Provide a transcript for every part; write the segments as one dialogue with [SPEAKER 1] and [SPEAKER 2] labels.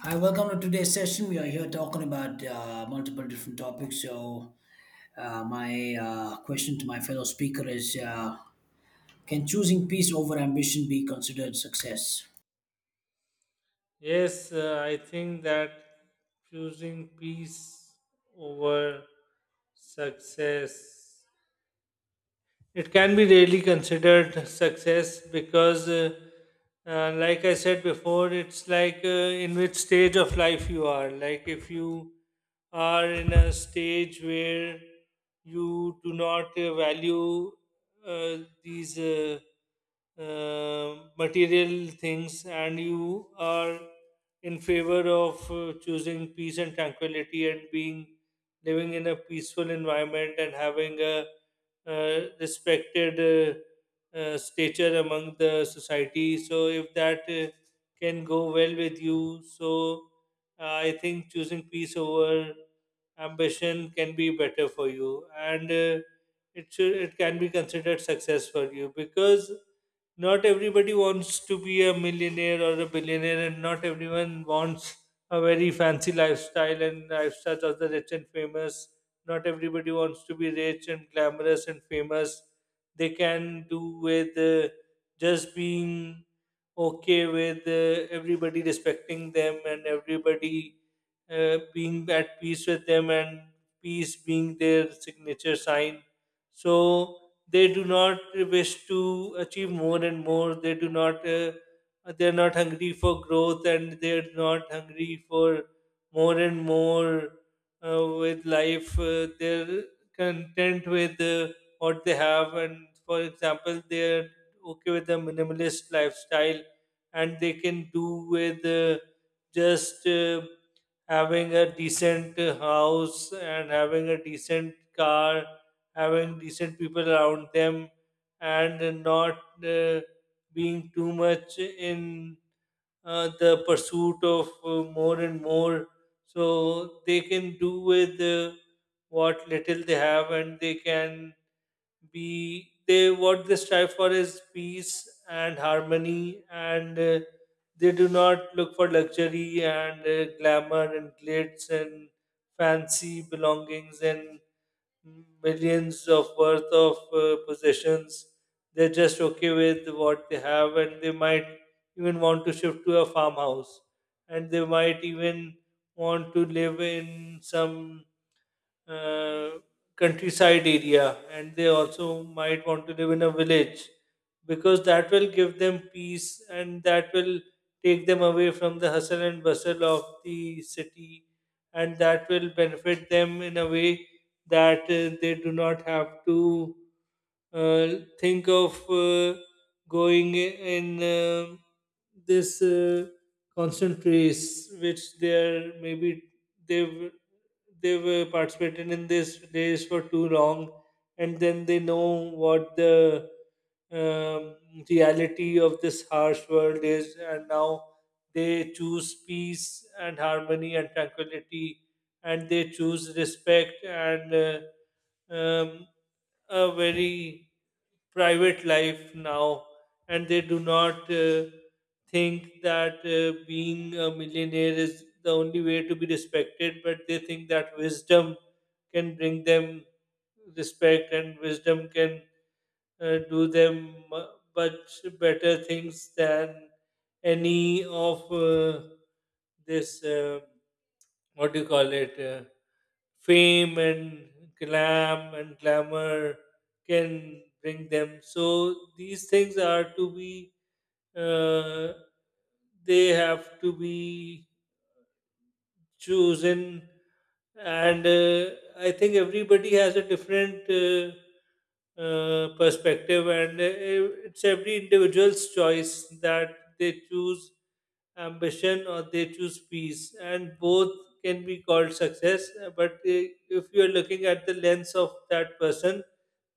[SPEAKER 1] Hi, welcome to today's session. We are here talking about multiple different topics. So, my question to my fellow speaker is can choosing peace over ambition be considered success?
[SPEAKER 2] Yes, I think that choosing peace over success, it can be really considered success because, like I said before, it's like in which stage of life you are. Like if you are in a stage where you do not value uh, these material things and you are in favor of choosing peace and tranquility and being living in a peaceful environment and having a respected stature among the society. So if that can go well with you, so I think choosing peace over ambition can be better for you, and it should it can be considered success for you because not everybody wants to be a millionaire or a billionaire, and not everyone wants a very fancy lifestyle and lifestyles of the rich and famous. Not everybody wants to be rich and glamorous and famous. They can do with just being okay with everybody respecting them and everybody being at peace with them and peace being their signature sign. So they do not wish to achieve more and more. They do not. They're not hungry for growth and they're not hungry for more and more with life. They're content with what they have, and for example, they're okay with a minimalist lifestyle and they can do with just having a decent house and having a decent car, having decent people around them, and not. Uh, Being too much in the pursuit of more and more. So they can do with what little they have, and they can be they what they strive for is peace and harmony, and they do not look for luxury and glamour and glitz and fancy belongings and millions of worth of possessions. They're just okay with what they have, and they might even want to shift to a farmhouse, and they might even want to live in some uh, countryside area and they also might want to live in a village because that will give them peace and that will take them away from the hustle and bustle of the city and that will benefit them in a way that they do not have to uh, think of going in this constant race which they are maybe they've they've participated in this race for too long, and then they know what the um, reality of this harsh world is, and now they choose peace and harmony and tranquility, and they choose respect and um, a very private life now and they do not think that being a millionaire is the only way to be respected, but they think that wisdom can bring them respect and wisdom can do them much better things than any of this what do you call it fame and glam and glamour can bring them. So these things are to be uh, they have to be chosen, and I think everybody has a different perspective, and it's every individual's choice that they choose ambition or they choose peace, and both can be called success, but if you are looking at the lens of that person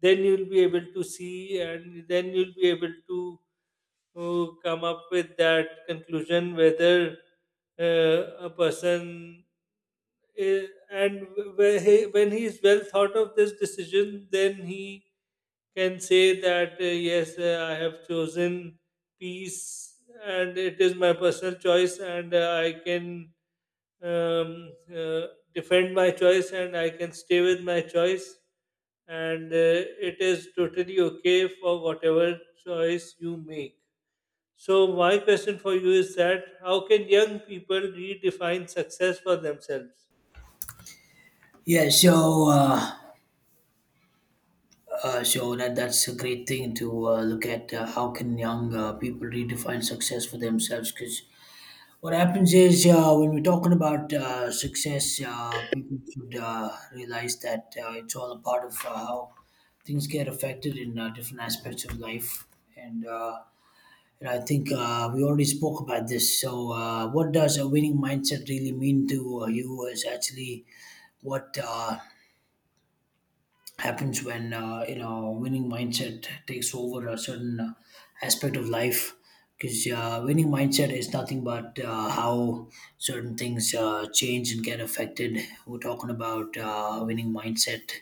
[SPEAKER 2] then you'll be able to see and then you'll be able to who come up with that conclusion whether a person i- and when he is well thought of this decision then he can say that yes, I have chosen peace and it is my personal choice, and I can um, uh, defend my choice and I can stay with my choice, and it is totally okay for whatever choice you make. So, my question for you is that how can young people redefine success for themselves?
[SPEAKER 1] Yeah, so uh, so that's a great thing to look at. How can young people redefine success for themselves? Because what happens is when we're talking about success, people should realize that it's all a part of how things get affected in different aspects of life. And, uh, and I think we already spoke about this. So, what does a winning mindset really mean to you is actually what. Happens when you know winning mindset takes over a certain aspect of life because winning mindset is nothing but how certain things change and get affected. We're talking about winning mindset.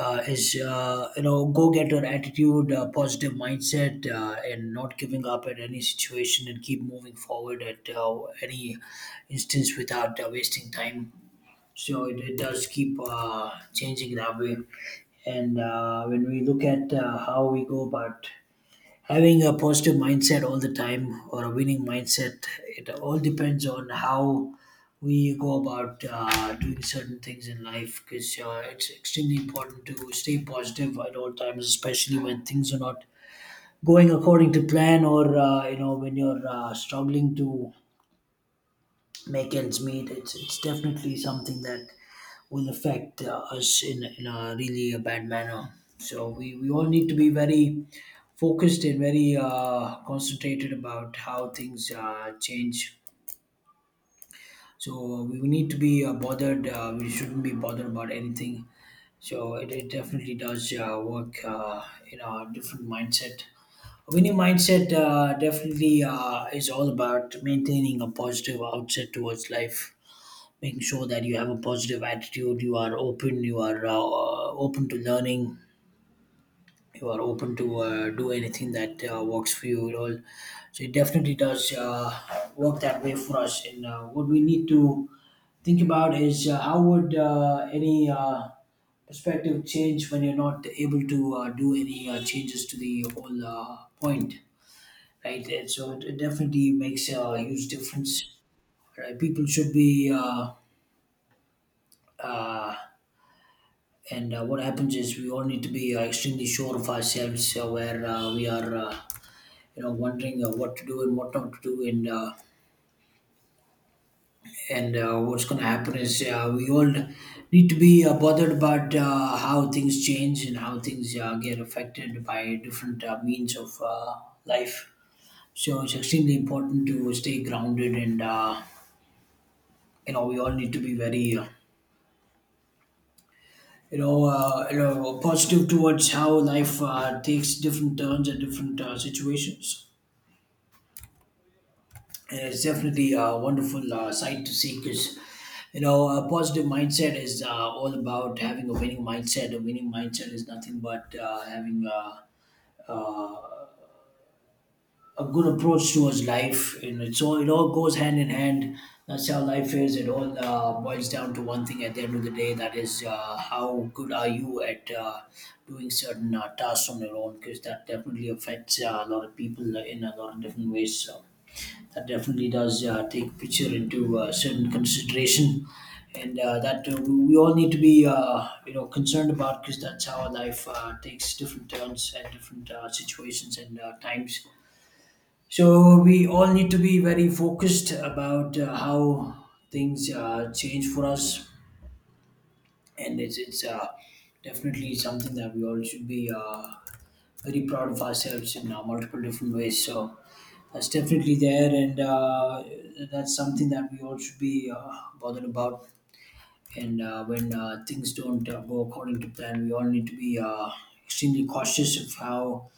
[SPEAKER 1] Is You know, go-getter attitude, positive mindset, and not giving up at any situation, and keep moving forward at any instance without wasting time. So it does keep changing that way. And when we look at how we go about having a positive mindset all the time or a winning mindset, it all depends on how we go about doing certain things in life, because it's extremely important to stay positive at all times, especially when things are not going according to plan, or you know, when you're struggling to make ends meet. It's definitely something that will affect us in a really a bad manner. So we all need to be very focused and very concentrated about how things change. So we need to be bothered. We shouldn't be bothered about anything. So it definitely does work in a different mindset. Winning mindset definitely is all about maintaining a positive outset towards life, making sure that you have a positive attitude, you are open, you are open to learning, you are open to do anything that works for you and all. So it definitely does work that way for us. And what we need to think about is how would any perspective change when you're not able to do any changes to the whole point, right? And so it definitely makes a huge difference, right? People should be uh, uh, and what happens is we all need to be extremely sure of ourselves, where we are you know, wondering what to do and what not to do. And what's going to happen is we all need to be bothered about how things change and how things get affected by different means of life. So it's extremely important to stay grounded. And you know, we all need to be very you know, positive towards how life takes different turns and different situations. And it's definitely a wonderful sight to see, because, you know, a positive mindset is all about having a winning mindset. A winning mindset is nothing but having uh, a good approach towards life, and it's all, it all goes hand in hand. That's how life is. It all boils down to one thing at the end of the day, that is how good are you at doing certain tasks on your own, because that definitely affects a lot of people in a lot of different ways. So that definitely does take picture into certain consideration. And that we all need to be you know, concerned about, because that's how our life takes different turns at different situations and times. So we all need to be very focused about how things change for us, and it's definitely something that we all should be very proud of ourselves in multiple different ways. So that's definitely there, and that's something that we all should be bothered about. And when things don't go according to plan, we all need to be extremely cautious of how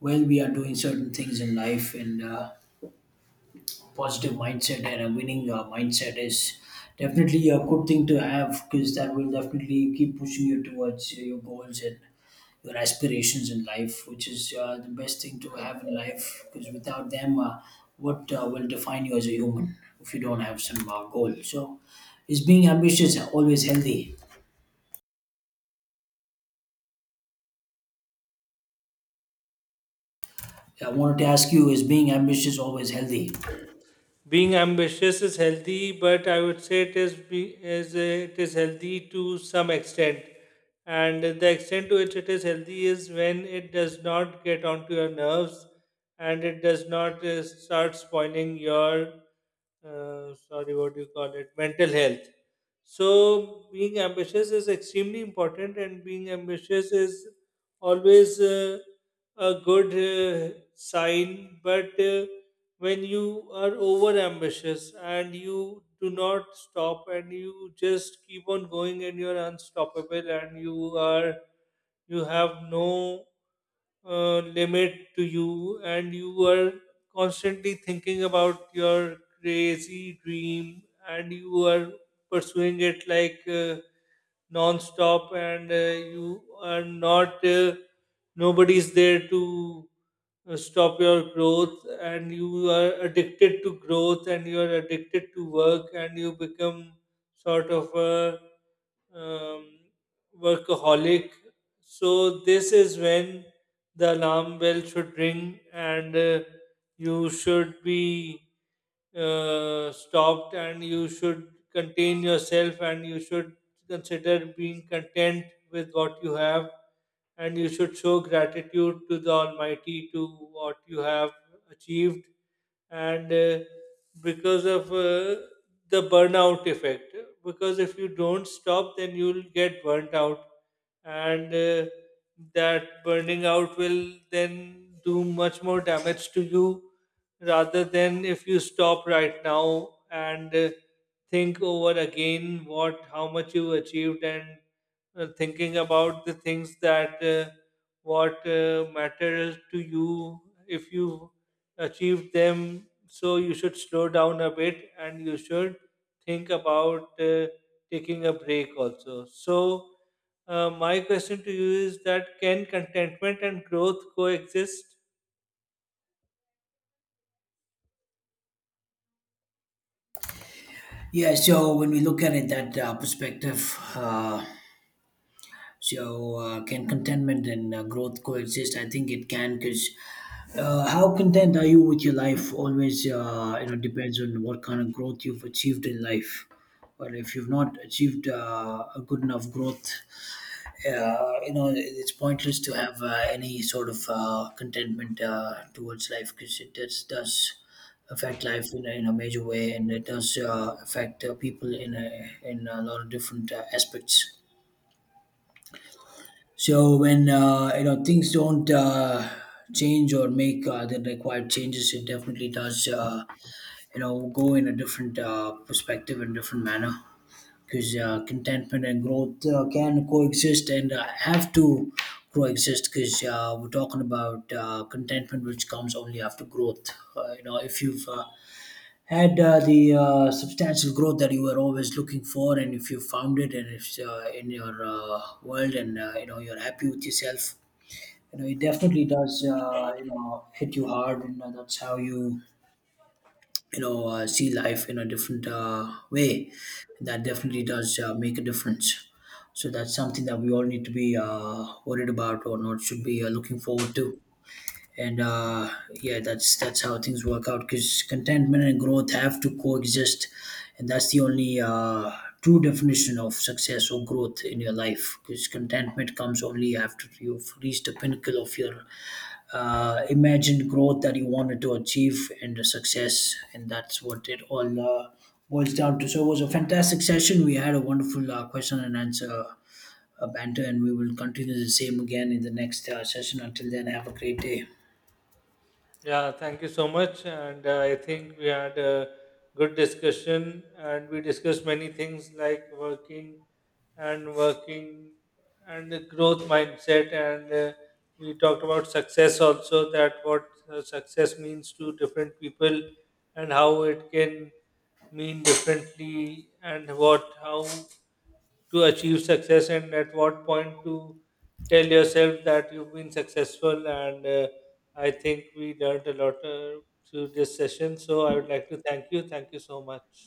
[SPEAKER 1] well we are doing certain things in life and. Positive mindset and a winning mindset is definitely a good thing to have, because that will definitely keep pushing you towards your goals and your aspirations in life, which is the best thing to have in life, because without them, what will define you as a human if you don't have some goal? So, is being ambitious always healthy? I wanted to ask you, is being ambitious always healthy?
[SPEAKER 2] Being ambitious is healthy, but I would say it is is it is healthy to some extent, and the extent to which it is healthy is when it does not get onto your nerves, and it does not start spoiling your sorry, what do you call it? Mental health. So, being ambitious is extremely important, and being ambitious is always a good sign. But when you are over ambitious and you do not stop and you just keep on going and you're unstoppable and you are you have no limit to you and you are constantly thinking about your crazy dream and you are pursuing it like non-stop, and you are not nobody's there to stop your growth and you are addicted to growth and you are addicted to work and you become sort of a um, workaholic. So this is when the alarm bell should ring, and you should be stopped and you should contain yourself and you should consider being content with what you have and you should show gratitude to the almighty to what you have achieved. And because of the burnout effect, because if you don't stop then you'll get burnt out, and that burning out will then do much more damage to you rather than if you stop right now and think over again what how much you achieved and thinking about the things that what matters to you if you achieve them. So you should slow down a bit and you should think about taking a break also. So, my question to you is that can contentment and growth coexist?
[SPEAKER 1] Yeah, so when we look at it that uh, so, can contentment and growth coexist? I think it can, because how content are you with your life always, you know, depends on what kind of growth you've achieved in life. But if you've not achieved a good enough growth, you know, it's pointless to have any sort of contentment towards life, because it does affect life in a major way, and it does affect people in a lot of different aspects. So when you know, things don't change or make the required changes, it definitely does. You know, go in a different perspective and different manner, because contentment and growth can coexist and have to coexist, because we're talking about contentment, which comes only after growth. You know, if you've had the substantial growth that you were always looking for, and if you found it, and if in your world, and you know, you're happy with yourself, you know, it definitely does you know, hit you hard, and that's how you, you know, see life in a different way. And that definitely does make a difference. So that's something that we all need to be worried about, or not, should be looking forward to. And yeah, that's how things work out, because contentment and growth have to coexist, and that's the only true definition of success or growth in your life, because contentment comes only after you've reached the pinnacle of your imagined growth that you wanted to achieve, and the success. And that's what it all boils down to. So it was a fantastic session. We had a wonderful question and answer banter, and we will continue the same again in the next session. Until then, have a great day.
[SPEAKER 2] Yeah, thank you so much. And I think we had a good discussion and we discussed many things like working and working and the growth mindset. And we talked about success also that what success means to different people and how it can mean differently and what, how to achieve success and at what point to tell yourself that you've been successful. And I think we learned a lot through this session. So I would like to thank you, thank you so much.